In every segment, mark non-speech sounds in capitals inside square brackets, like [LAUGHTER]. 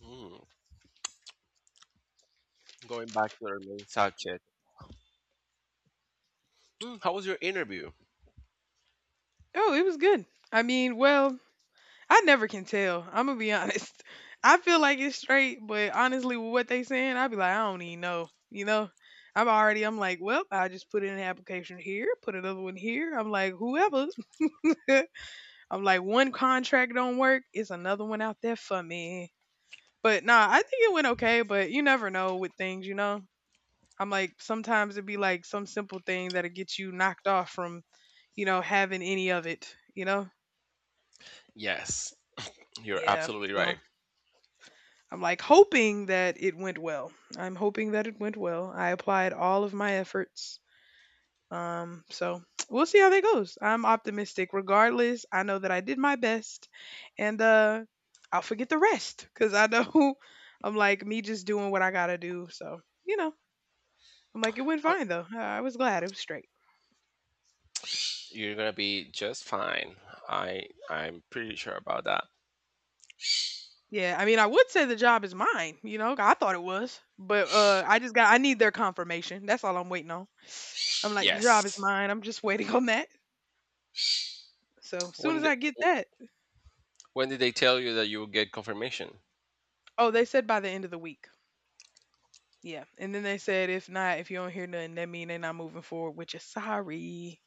Mm, Going back to our main subject, how was your interview? Oh, it was good. I mean, well, I never can tell. I'm gonna be honest. [LAUGHS] I feel like it's straight, but honestly, with what they saying, I'd be like, I don't even know. You know, I'm already. I'm like, well, I just put in an application here, put another one here. I'm like, whoever. [LAUGHS] I'm like, one contract don't work, it's another one out there for me. But nah, I think it went okay. But you never know with things, you know. I'm like, sometimes it'd be like some simple thing that'll get you knocked off from, you know, having any of it. Yes, you're Yeah, absolutely so right. I'm like hoping that it went well. I'm hoping that it went well. I applied all of my efforts. So [TSK] we'll see how that goes. I'm optimistic. Regardless, I know that I did my best and I'll forget the rest because I know [LAUGHS] I'm like me just doing what I gotta do. So, you know, I'm like it went Uh, fine though. I was glad it was straight. You're gonna be just fine. I'm pretty sure about that. Yeah, I mean, I would say the job is mine, you know, I thought it was, but I just got I need their confirmation. That's all I'm waiting on. I'm like, "The job is Yes. mine. I'm just waiting on that." So, as soon When as I get that. when did they tell you that you will get confirmation? Oh, they said by the end of the week. Yeah, and then they said, "If not, if you don't hear nothing, that mean they're not moving forward with you. Sorry."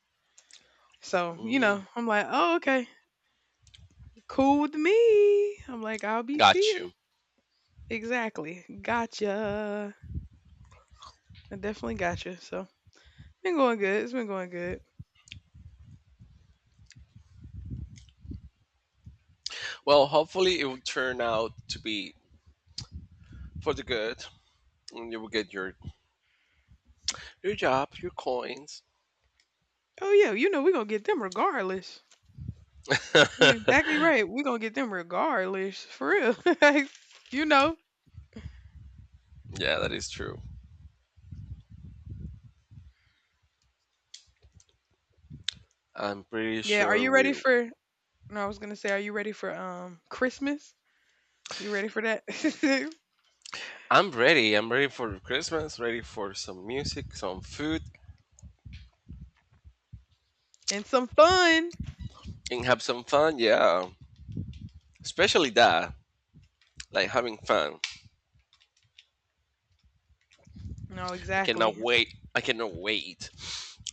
So, you Mm, know, I'm like, "Oh, okay. Cool with me." I'm like, "I'll be got seeing." you. Exactly. Gotcha. I definitely gotcha. So, been going good. It's been going good. Well, hopefully it will turn out to be for the good, and you will get your job, your coins. Oh, yeah, you know, we gonna get them regardless. [LAUGHS] You're Yeah, exactly right. We gonna get them regardless, for real. [LAUGHS] Like, you know. that is true. I'm pretty Yeah, are sure you we— ready for No, I was gonna say, are you ready for Christmas? You ready for that? [LAUGHS] I'm ready. I'm ready for Christmas, ready for some music, some food, And some fun. and have some fun. Yeah. Especially that, like having fun. No, I cannot exactly. wait. I cannot wait.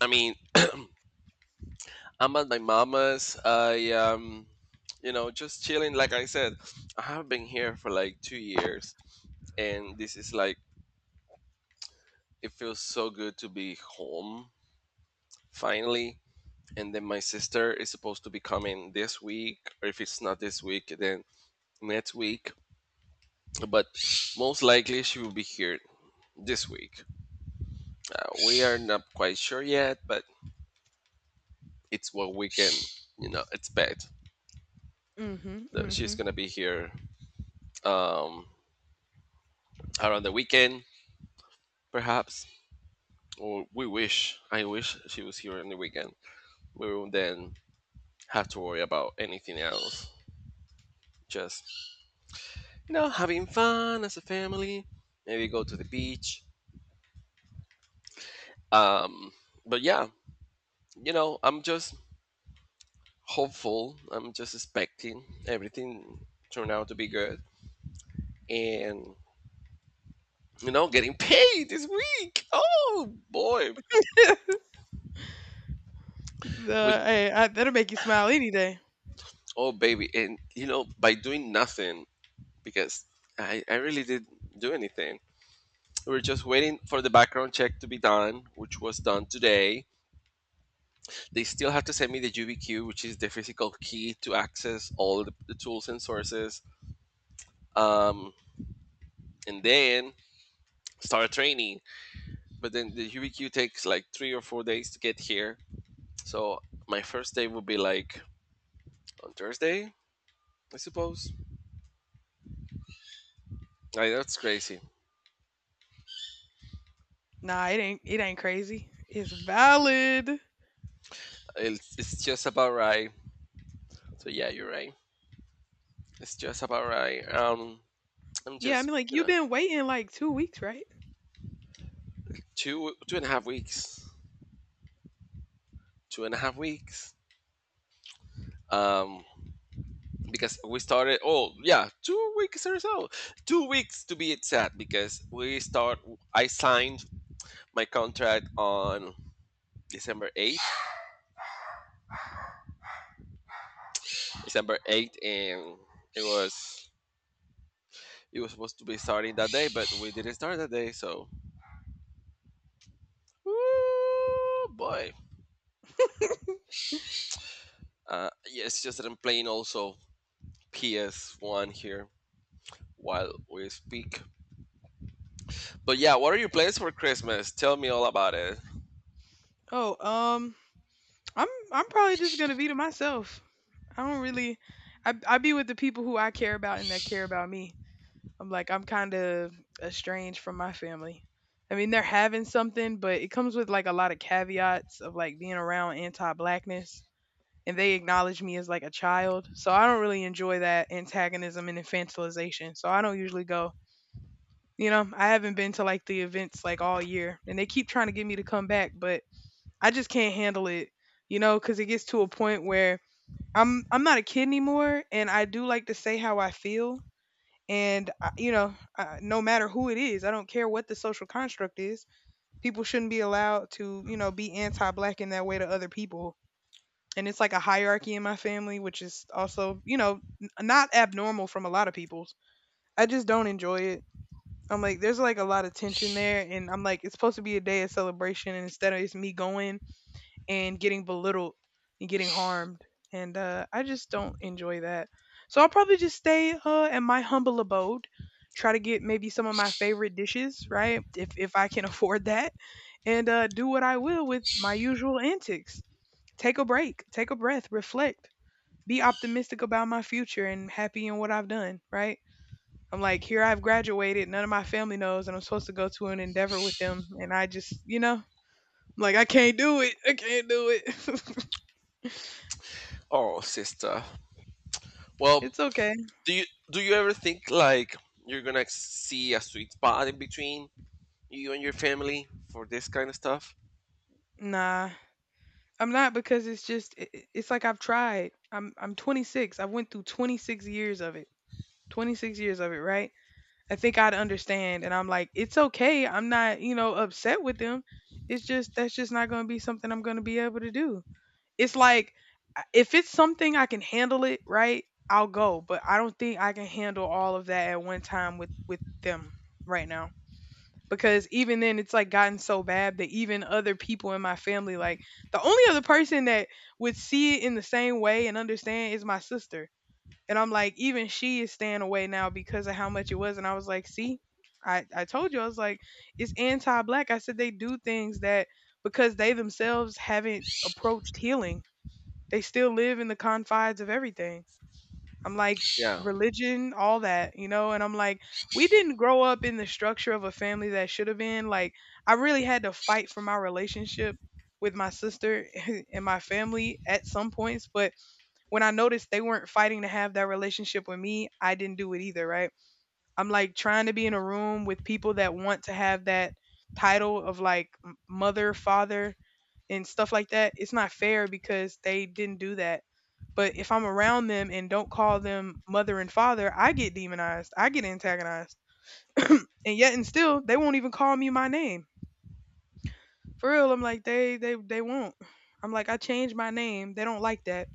I mean, I'm at my mama's. I just chilling. Like I said, I have been here for like 2 years, and this is like it feels so good to be home finally. And then my sister is supposed to be coming this week, or if it's not this week, then next week, but most likely she will be here this week. We are not quite sure yet, but it's what we can, you know, expect. Mm-hmm. That She's Mm-hmm. gonna be here um, around the weekend, perhaps, or we wish. I wish she was here on the weekend. We won't then have to worry about anything else. Just having fun as a family. Maybe go to the beach. Um, but yeah, I'm just hopeful. I'm just expecting everything turned out to be good. And getting paid this week. Oh boy. [LAUGHS] With— the hey, I, that'll make you smile any day. oh baby. And by doing nothing, because I really didn't do anything. We were just waiting for the background check to be done, which was done today. They still have to send me the UBQ, which is the physical key to access all the tools and sources. Um, and then start training, but then the UBQ takes like 3 or 4 days to get here. So my first day will be like on Thursday, I suppose. Like, that's crazy. Nah, it ain't. It ain't crazy. It's valid. It's just about right. So yeah, you're right. It's just about right. I'm Yeah, I just mean, like you've been waiting like 2 weeks, right? [LAUGHS] two and a half weeks, 2.5 weeks. Um, because we started. Oh yeah, 2 weeks or so. 2 weeks to be exact. Because we start. I signed my contract on December 8th, December 8th, and it was it was supposed to be starting that day, but we didn't start that day. So, Woo, boy, yeah, it's just that I'm playing also PS One here while we speak. But yeah, what are your plans for Christmas? Tell me all about it. Oh, I'm probably just gonna be to myself. I don't really. I be with the people who I care about and that care about me. I'm like, I'm kind of estranged from my family. I mean, they're having something, but it comes with like a lot of caveats of like being around anti blackness. And they acknowledge me as like a child. So I don't really enjoy that antagonism and infantilization. So I don't usually go. You know, I haven't been to like the events like all year. And they keep trying to get me to come back, but I just can't handle it, you know, because it gets to a point where. I'm not a kid anymore, and I do like to say how I feel and no matter who it is, I don't care what the social construct is, people shouldn't be allowed to, you know, be anti black in that way to other people. And it's like a hierarchy in my family, which is also, you know, not abnormal from a lot of people's. I just don't enjoy it. I'm like, there's like a lot of tension there. And I'm like, it's supposed to be a day of celebration. And instead of it's me going and getting belittled and getting harmed. And I just don't enjoy that. So I'll probably just stay at my humble abode, try to get maybe some of my favorite dishes, right? If I can [LAUGHS] afford that, and do what I will with my usual antics. Take a break, take a breath, reflect, be optimistic about my future, and happy in what I've done, right? I'm like, here I've graduated, none of my family knows, and I'm supposed to go to an endeavor with them, and I just, you know, I'm like, I can't do it, I can't do it. [LAUGHS] Oh, sister. Well, It's okay. do you do you ever think like you're gonna see a sweet spot in between you and your family for this kind of stuff? Nah, I'm not, because it's just it's like I've tried. I'm 26. I went through 26 years of it. 26 years of it, right? I think I'd understand, and I'm like, it's okay. I'm not, you know, upset with them. It's just that's just not going to be something I'm going to be able to do. It's like if it's something I can handle it, right? I'll go, but I don't think I can handle all of that at one time with them right now. Because even then it's like gotten so bad that even other people in my family, like, the only other person that would see it in the same way and understand is my sister, and I'm like, even she is staying away now because of how much it was. And I was like, see, I told you. I was like, it's anti-black. I said they do things that because they themselves haven't approached healing, they still live in the confines of everything. I'm like, Yeah. religion, all that, you know? And I'm like, we didn't grow up in the structure of a family that should have been. Like, I really had to fight for my relationship with my sister [LAUGHS] and my family at some points. But when I noticed they weren't fighting to have that relationship with me, I didn't do it either, right? I'm like trying to be in a room with people that want to have that title of like mother, father, and stuff like that, it's not fair because they didn't do that. But if I'm around them and don't call them mother and father, I get demonized. I get antagonized. And yet and still, they won't even call me my name. For real, I'm like, they won't. I'm like, I changed my name. They don't like that.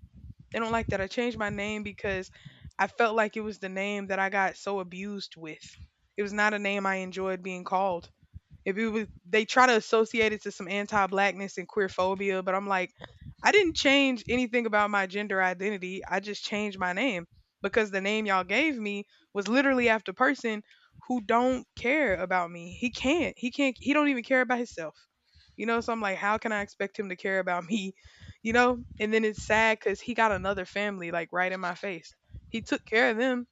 They don't like that. I changed my name because I felt like it was the name that I got so abused with. It was not a name I enjoyed being called. If it was, they try to associate it to some anti-blackness and queer phobia, but I'm like, I didn't change anything about my gender identity. I just changed my name because the name y'all gave me was literally after person who don't care about me. He can't. He can't. He don't even care about himself. You know. So I'm like, how can I expect him to care about me? You know. And then it's sad because he got another family like right in my face. He took care of them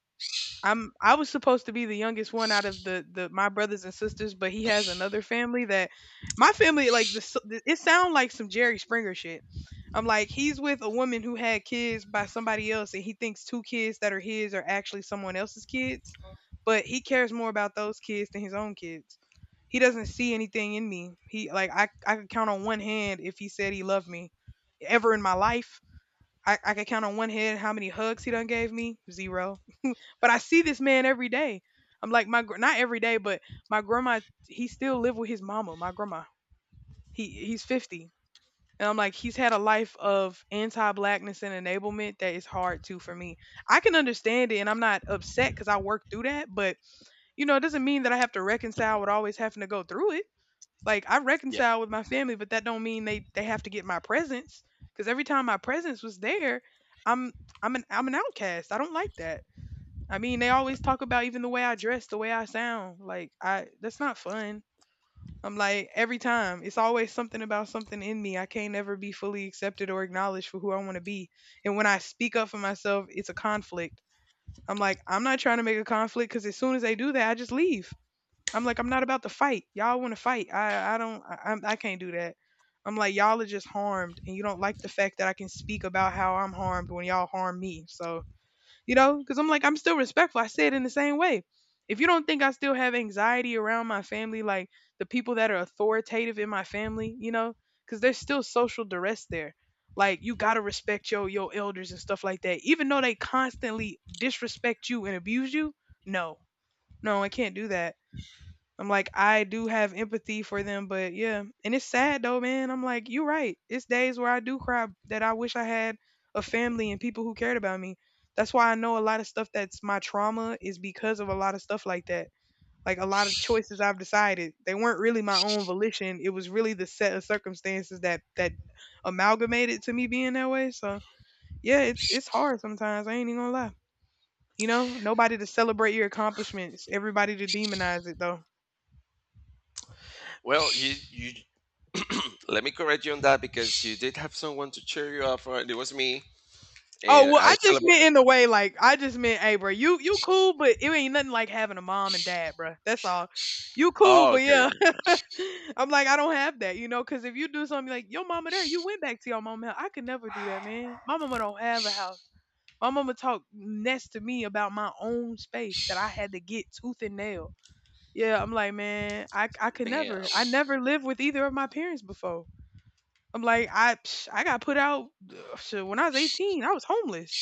I'm I was supposed to be the youngest one out of the my brothers and sisters, but he has another family that my family like it sounds like some Jerry Springer shit. I'm like he's with a woman who had kids by somebody else, and he thinks two kids that are his are actually someone else's kids, but he cares more about those kids than his own kids. He doesn't see anything in me. He like I could count on one hand if he said he loved me ever in my life. I could count on one hand how many hugs he done gave me. Zero. But I see this man every day. I'm like not every day, but my grandma. He still live with his mama, my grandma. He's 50, and I'm like he's had a life of anti-blackness and enablement that is hard too for me. I can understand it, and I'm not upset because I worked through that. But you know, it doesn't mean that I have to reconcile with always having to go through it. Like I Yeah. reconcile with my family, but that don't mean they have to get my presence, because every time my presence was there, I'm I'm an outcast. I don't like that. I mean, they always talk about even the way I dress, the way I sound. Like I that's not fun. I'm like every time it's always something about something in me. I can't ever be fully accepted or acknowledged for who I want to be. And when I speak up for myself, it's a conflict. I'm like, I'm not trying to make a conflict because as soon as they do that, I just leave. I'm like, I'm not about to fight. Y'all want to fight. I don't, I can't do that. I'm like, y'all are just harmed and you don't like the fact that I can speak about how I'm harmed when y'all harm me. So you know, because I'm like, I'm still respectful. I say it in the same way. If you don't think I still have anxiety around my family, like the people that are authoritative in my family, you know, because there's still social duress there. Like you gotta respect your elders and stuff like that. Even though they constantly disrespect you and abuse you, no, no, I can't do that. I'm like, I do have empathy for them, but yeah. And it's sad though, man. I'm like, you're right. It's days where I do cry that I wish I had a family and people who cared about me. That's why I know a lot of stuff that's my trauma is because of a lot of stuff like that. Like a lot of choices I've decided. They weren't really my own volition. It was really the set of circumstances that amalgamated to me being that way. So yeah, it's hard sometimes. I ain't even gonna lie. You know, nobody to celebrate your accomplishments. Everybody to demonize it though. Well, you let me correct you on that because you did have someone to cheer you up. Right? It was me, Oh and well, I I just celebrate. meant in the way like I just meant, hey, bro, you cool, but it ain't nothing like having a mom and dad, bro. That's all. You cool, Oh, but okay. yeah, [LAUGHS] I'm like I don't have that, you know, because if you do something like your mama there, you went back to your mama. House." I could never do that, man. My mama don't have a house. My mama talked next to me about my own space that I had to get tooth and nail. Yeah, I'm like, man, I could Damn. never. I never lived with either of my parents before. I'm like, I psh, I got put out shit, when I was 18. I was homeless.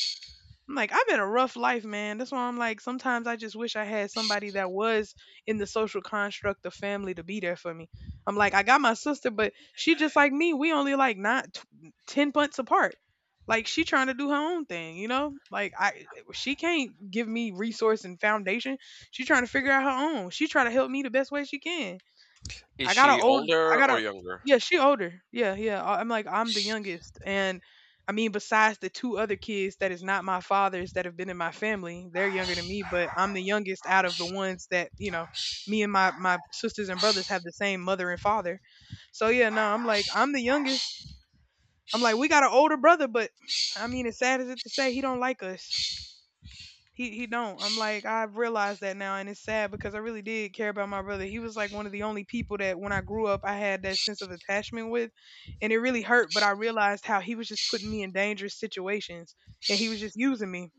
I'm like, I've been a rough life, man. That's why I'm like, sometimes I just wish I had somebody that was in the social construct of family to be there for me. I'm like, I got my sister, but she just like me. We only like not t- 10 months apart. Like she trying to do her own thing, you know? Like I She can't give me resource and foundation. She trying to figure out her own. She trying to help me the best way she can. Is I got an she old, I older got or a, younger? Yeah, she older. Yeah, yeah. I'm like, I'm the youngest. And I mean, besides the two other kids that is not my father's that have been in my family, they're younger than me, but I'm the youngest out of the ones that, you know, me and my sisters and brothers have the same mother and father. So yeah, no, I'm like, I'm the youngest. I'm like, we got an older brother, but I mean, as sad as it to say, he don't like us. He don't. I'm like I've realized that now, and it's sad because I really did care about my brother. He was like one of the only people that when I grew up I had that sense of attachment with, and it really hurt. But I realized how he was just putting me in dangerous situations, and he was just using me.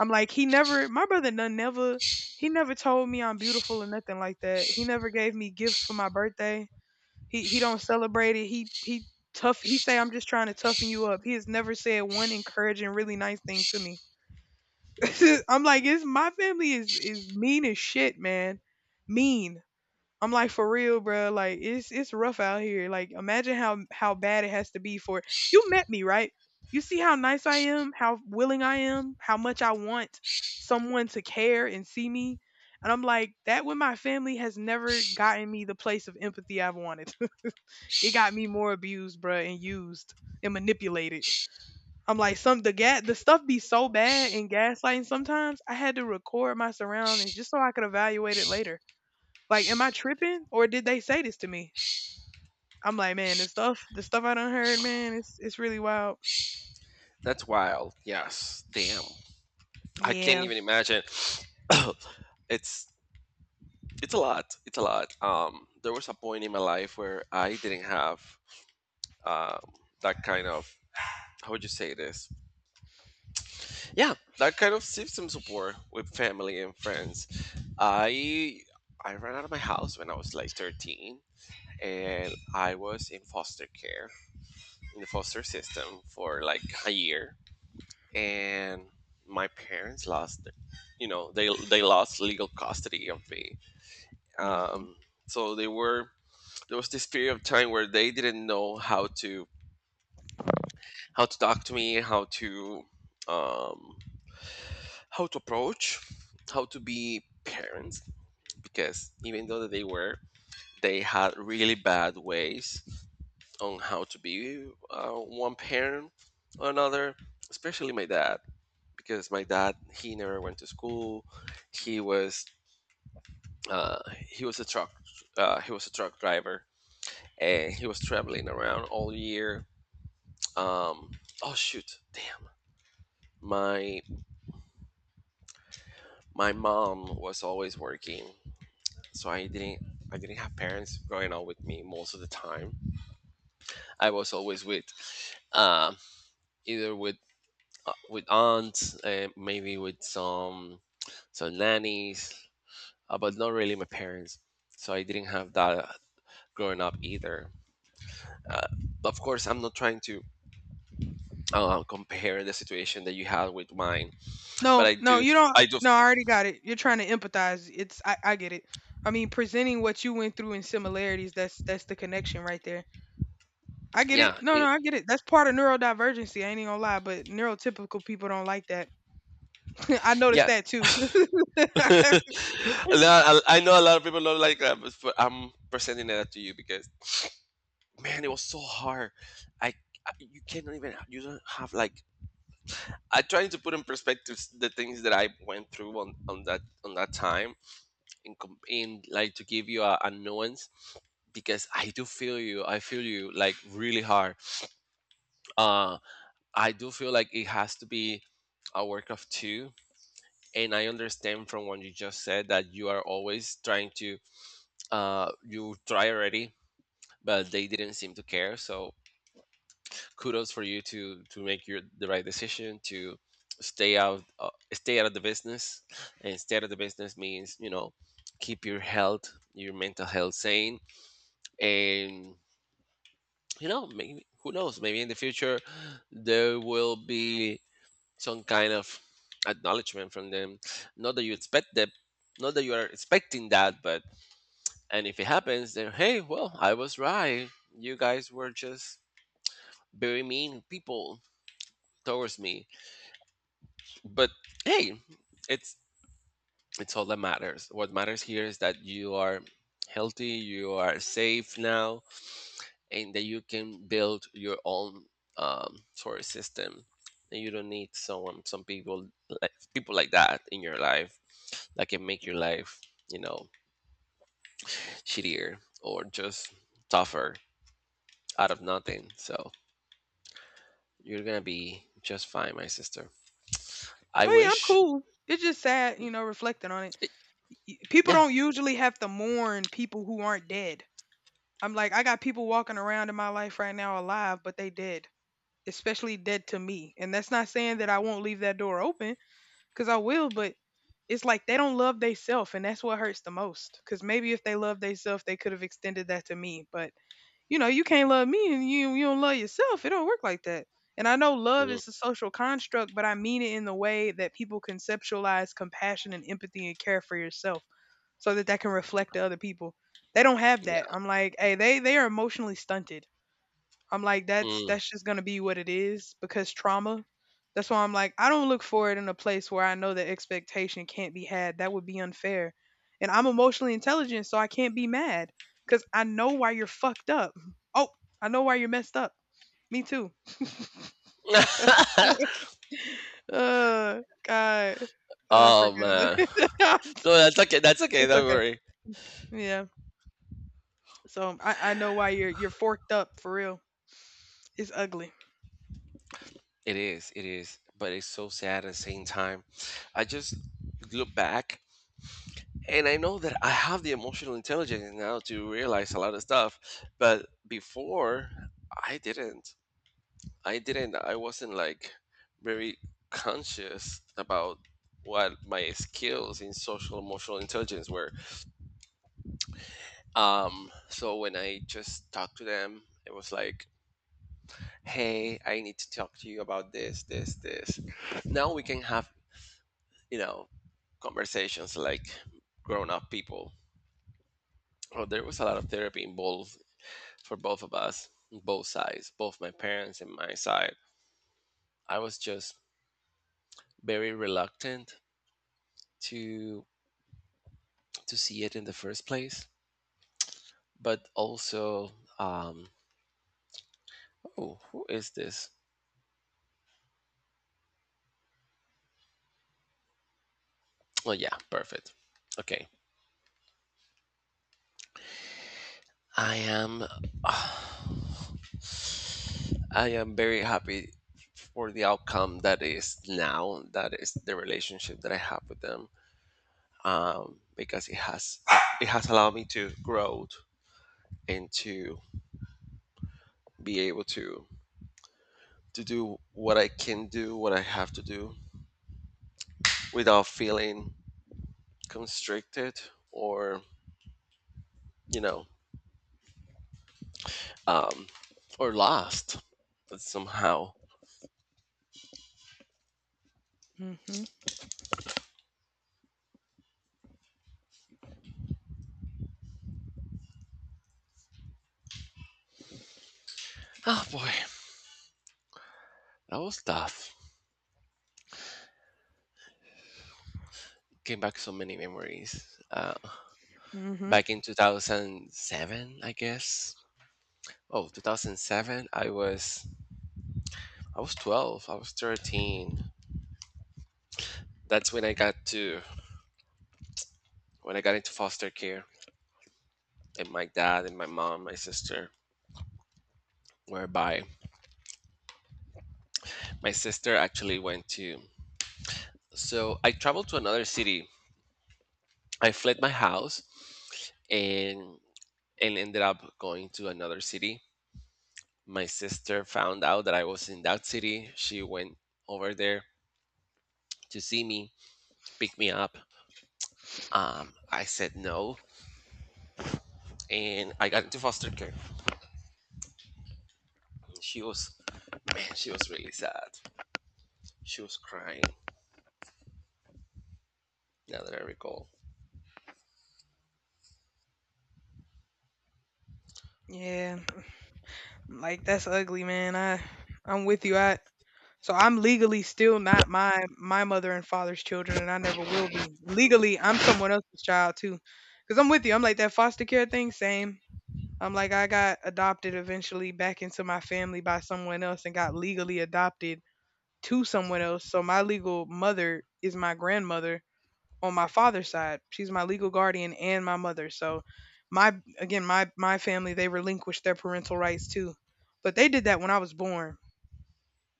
I'm like he never. My brother done never. He never told me I'm beautiful or nothing like that. He never gave me gifts for my birthday. He don't celebrate it. He tough. He say I'm just trying to toughen you up. He has never said one encouraging, really nice thing to me. [LAUGHS] I'm like, it's my family is mean as shit, man. Mean. I'm like for real, bro. Like it's rough out here. Like imagine how bad it has to be for you. Met me right. You see how nice I am, how willing I am, how much I want someone to care and see me. And I'm like that with my family has never gotten me the place of empathy I've wanted. [LAUGHS] It got me more abused, bro, and used and manipulated. I'm like some the gas the stuff be so bad in gaslighting sometimes I had to record my surroundings just so I could evaluate it later. Like, am I tripping or did they say this to me? I'm like, man, the stuff I done heard, man, it's really wild. That's wild. Yes. Damn. I can't Yeah. even imagine. [COUGHS] it's it's a lot. It's a lot. There was a point in my life where I didn't have um that kind of— how would you say this? Yeah, that kind of system support with family and friends. I I ran out of my house when I was like 13 and I was in foster care in the foster system for like a year, and my parents lost, you know, they lost legal custody of me. Hmm. um so they were there was this period of time where they didn't know how to— how to talk to me, how to— um how to approach, how to be parents, because even though that they had really bad ways on how to be, one parent or another, especially my dad, because my dad he never went to school. He was uh, he was a truck he was a truck driver, and he was traveling around all year. Um, oh shoot, damn! My my mom was always working, so I didn't have parents growing up with me most of the time. I was always with, um, either with, with aunts, maybe with some nannies, but not really my parents. So I didn't have that growing up either. Uh, of course, I'm not trying to, compare the situation that you had with mine, but No, no, you don't. No, I already got it. You're trying to empathize. I get it. I mean, presenting what you went through and similarities. That's the connection right there. I get it. yeah, No, no, I get it. That's part of neurodivergency. I ain't even gonna lie, but neurotypical people don't like that. [LAUGHS] I noticed yeah. that too. [LAUGHS] Oh yeah, [LAUGHS] And I know a lot of people don't like that, but I'm presenting that to you because, man, it was so hard. I, I You cannot even— you don't have like— I trying to put in perspective the things that I went through on that— time, and like to give you a nuance, because I do feel you. I feel you like really hard. Uh, I do feel like it has to be a work of two. And I understand from what you just said that you are always trying to, you try already, but they didn't seem to care. So kudos for you to make your the right decision to stay out, of the business, and stay out of the business means, you know, keep your health your mental health sane, and you know, maybe— who knows, maybe in the future there will be some kind of acknowledgement from them, not that you expect that, not that you are expecting that, but— and if it happens, then hey, well, I was right, you guys were just very mean people towards me, but hey, it's, all that matters— what matters here is that you are healthy, you are safe now, and that you can build your own, sort of system, and you don't need some people, like people like that in your life that can make your life, you know, shittier or just tougher out of nothing. So you're gonna be just fine, my sister. I I'm wish— cool. It's just sad, you know, reflecting on it. People yeah. don't usually have to mourn people who aren't dead. I'm like, I got people walking around in my life right now alive, but they dead, especially dead to me. And that's not saying that I won't leave that door open, because I will, but it's like they don't love theyself, and that's what hurts the most. Because maybe if they love theyself, they could have extended that to me, but you know, you can't love me and you don't love yourself. It don't work like that. And I know love Mm, is a social construct, but I mean it in the way that people conceptualize compassion and empathy and care for yourself so that that can reflect to other people. They don't have yeah. that. I'm like, hey, they are emotionally stunted. I'm like, that's Mm. that's just gonna be what it is because trauma. That's why I'm like, I don't look for it in a place where I know that expectation can't be had. That would be unfair. And I'm emotionally intelligent, so I can't be mad because I know why you're fucked up. [LAUGHS] Oh, I know why you're messed up. Me too. [LAUGHS] God, I Oh man. forgot. No, that's okay. That's [LAUGHS] okay. It's Don't okay. worry. Yeah. So I know why you're forked up for real. It's ugly. It is. It is. But it's so sad at the same time. I just look back and I know that I have the emotional intelligence now to realize a lot of stuff. But before, I didn't. I didn't. I wasn't like very conscious about what my skills in social emotional intelligence were. So when I just talked to them, it was like, hey, I need to talk to you about this. Now we can have, you know, conversations like grown up people. Oh, there was a lot of therapy involved for both of us both sides, both my parents and my side. I was just very reluctant to see it in the first place, but also, um oh, who is this? Oh yeah, perfect. Okay. I am. [SIGHS] I am very happy for the outcome that is now. That is the relationship that I have with them, because it has allowed me to grow, and to be able to do what I can do, what I have to do, without feeling constricted, or you know um, or lost somehow. Mhm. Oh boy, that was tough. Came back so many memories. Mhm. Back in 2007, I guess. Oh, 2007, I was 12, I was 13. That's when I got into foster care, and my dad and my mom, my sister— whereby my sister actually went to— so I traveled to another city. I fled my house, and ended up going to another city. My sister found out that I was in that city. She went over there to see me, pick me up. I said no, and I got into foster care. She was— man, she was really sad. She was crying. Now that I recall— Yeah. Like that's ugly, man. I'm with you. I so I'm legally still not my mother and father's children, and I never will be. Legally, I'm someone else's child too. Cause I'm with you. I'm like that foster care thing. Same. I'm like I got adopted eventually back into my family by someone else, and got legally adopted to someone else. So my legal mother is my grandmother, on my father's side. She's my legal guardian and my mother. So my family they relinquished their parental rights too. But they did that when I was born.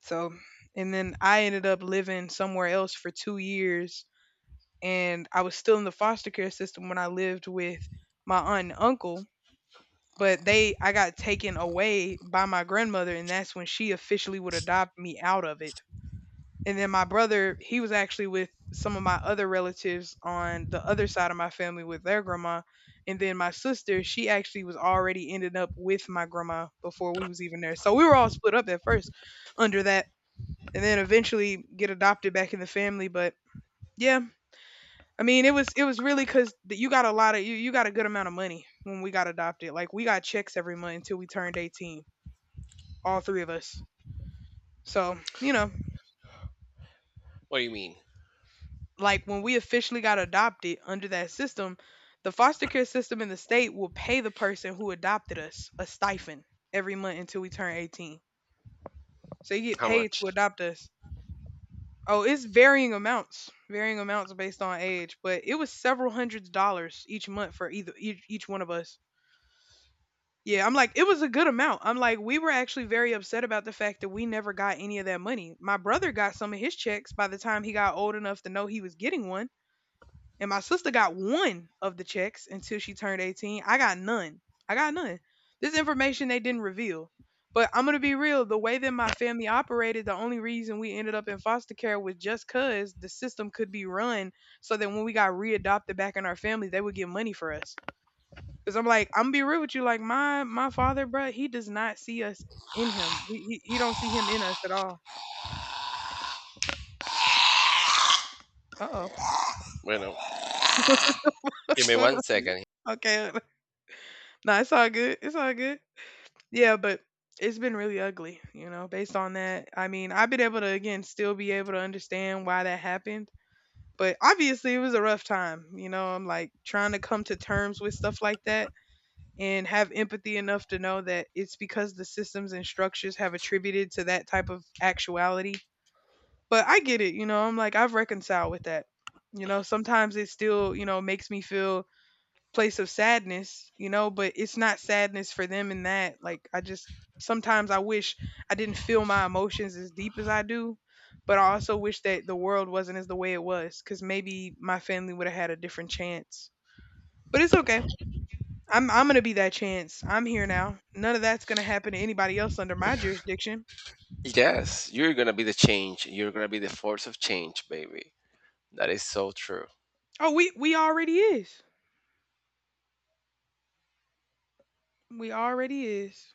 So and then I ended up living somewhere else for 2 years and I was still in the foster care system when I lived with my aunt and uncle, but they I got taken away by my grandmother and that's when she officially would adopt me out of it. And then my brother, he was actually with some of my other relatives on the other side of my family with their grandma. And then my sister, she actually was already ended up with my grandma before we was even there. So we were all split up at first under that and then eventually get adopted back in the family, but yeah, I mean it was really cuz you got a lot of you got a good amount of money when we got adopted. Like we got checks every month until we turned 18, all three of us. So, you know, what do you mean? like when we officially got adopted under that system, the foster care system in the state will pay the person who adopted us a stipend every month until we turn 18. So you get How paid much? to adopt us. Oh, it's varying amounts based on age, but it was several hundreds of dollars each month for either each one of us. Yeah, I'm like it was a good amount. I'm like we were actually very upset about the fact that we never got any of that money. My brother got some of his checks by the time he got old enough to know he was getting one. And my sister got one of the checks until she turned 18. I got none. I got none. This information they didn't reveal. But I'm going to be real. The way that my family operated, the only reason we ended up in foster care was just because the system could be run so that when we got readopted back in our family, they would get money for us. Because I'm like, I'm going to be real with you. Like, my father, bruh, he does not see us in him. He don't see him in us at all. Uh-oh. Bueno, give me one [LAUGHS] second. Okay. [LAUGHS] Nah, it's all good. It's all good. Yeah, but it's been really ugly, you know, based on that. I mean, I've been able to, again, still be able to understand why that happened. But obviously, it was a rough time. You know, I'm like trying to come to terms with stuff like that and have empathy enough to know that it's because the systems and structures have attributed to that type of actuality. But I get it, you know, I'm like, I've reconciled with that. You know, sometimes it still, you know, makes me feel place of sadness, you know, but it's not sadness for them in that. Like I just sometimes I wish I didn't feel my emotions as deep as I do, but I also wish that the world wasn't as the way it was cuz maybe my family would have had a different chance. But it's okay. I'm going to be that chance. I'm here now. None of that's going to happen to anybody else under my jurisdiction. Yes, you're gonna be the change. You're gonna be the force of change, baby. That is so true. Oh, we already is. We already is.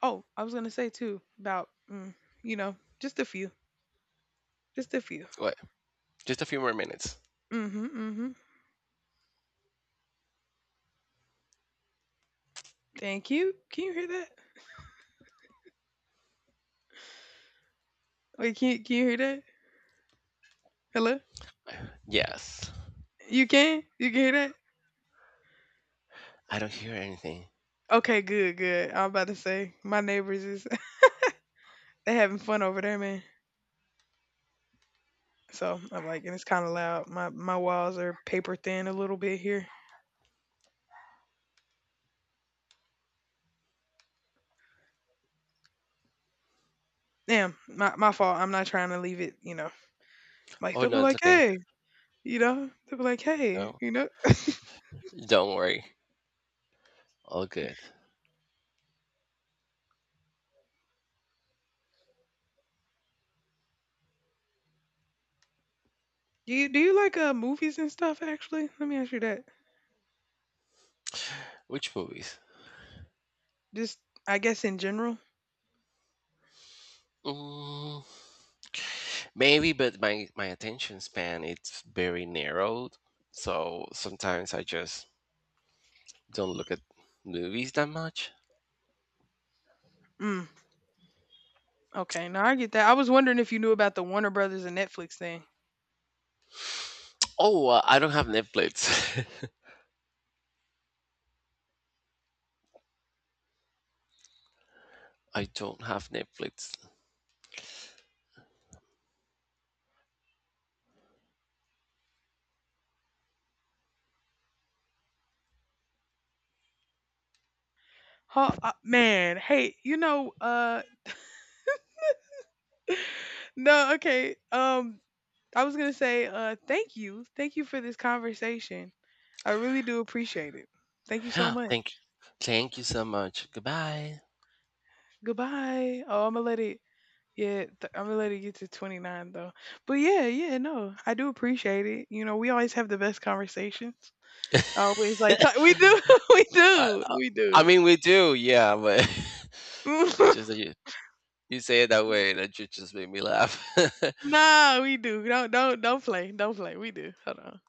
Oh, I was going to say too about mm, you know, just a few. Just a few. Wait, just a few more minutes. Mhm. Mhm. Thank you. Can you hear that? Wait, can you hear that? Hello? Yes. You can? You can hear that? I don't hear anything. Okay, good, good. I'm about to say my neighbors is [LAUGHS] they having fun over there, man. So I'm like, and it's kind of loud. My walls are paper thin a little bit here. Damn, my fault. I'm not trying to leave it. You know, like Oh they'll be no, it's like, okay. hey, No, you know, don't worry. All good. Do you like movies and stuff? Actually, let me ask you that. Which movies? Just I guess in general. Mm. Maybe, but my attention span, it's very narrowed, so sometimes I just don't look at movies that much. Mm, okay, now I get that. I was wondering if you knew about the Warner Brothers and Netflix thing. Oh, I don't have Netflix. [LAUGHS] I don't have Netflix. Ho man, hey, you know, no, okay. I was gonna say, thank you for this conversation. I really do appreciate it. Thank you so [GASPS] Thank much. Thank you so much. Goodbye. Goodbye. Oh, I'm gonna let it. Yeah, I'm gonna let it get to 29 though. But yeah, yeah, no, I do appreciate it. You know, we always have the best conversations. Always we do, [LAUGHS] I, I, we I do. mean, we do, yeah, but [LAUGHS] it's just [LAUGHS] that you say it that way that you just made me laugh. [LAUGHS] Nah, we do. Don't don't play, don't play. We do. Hold on.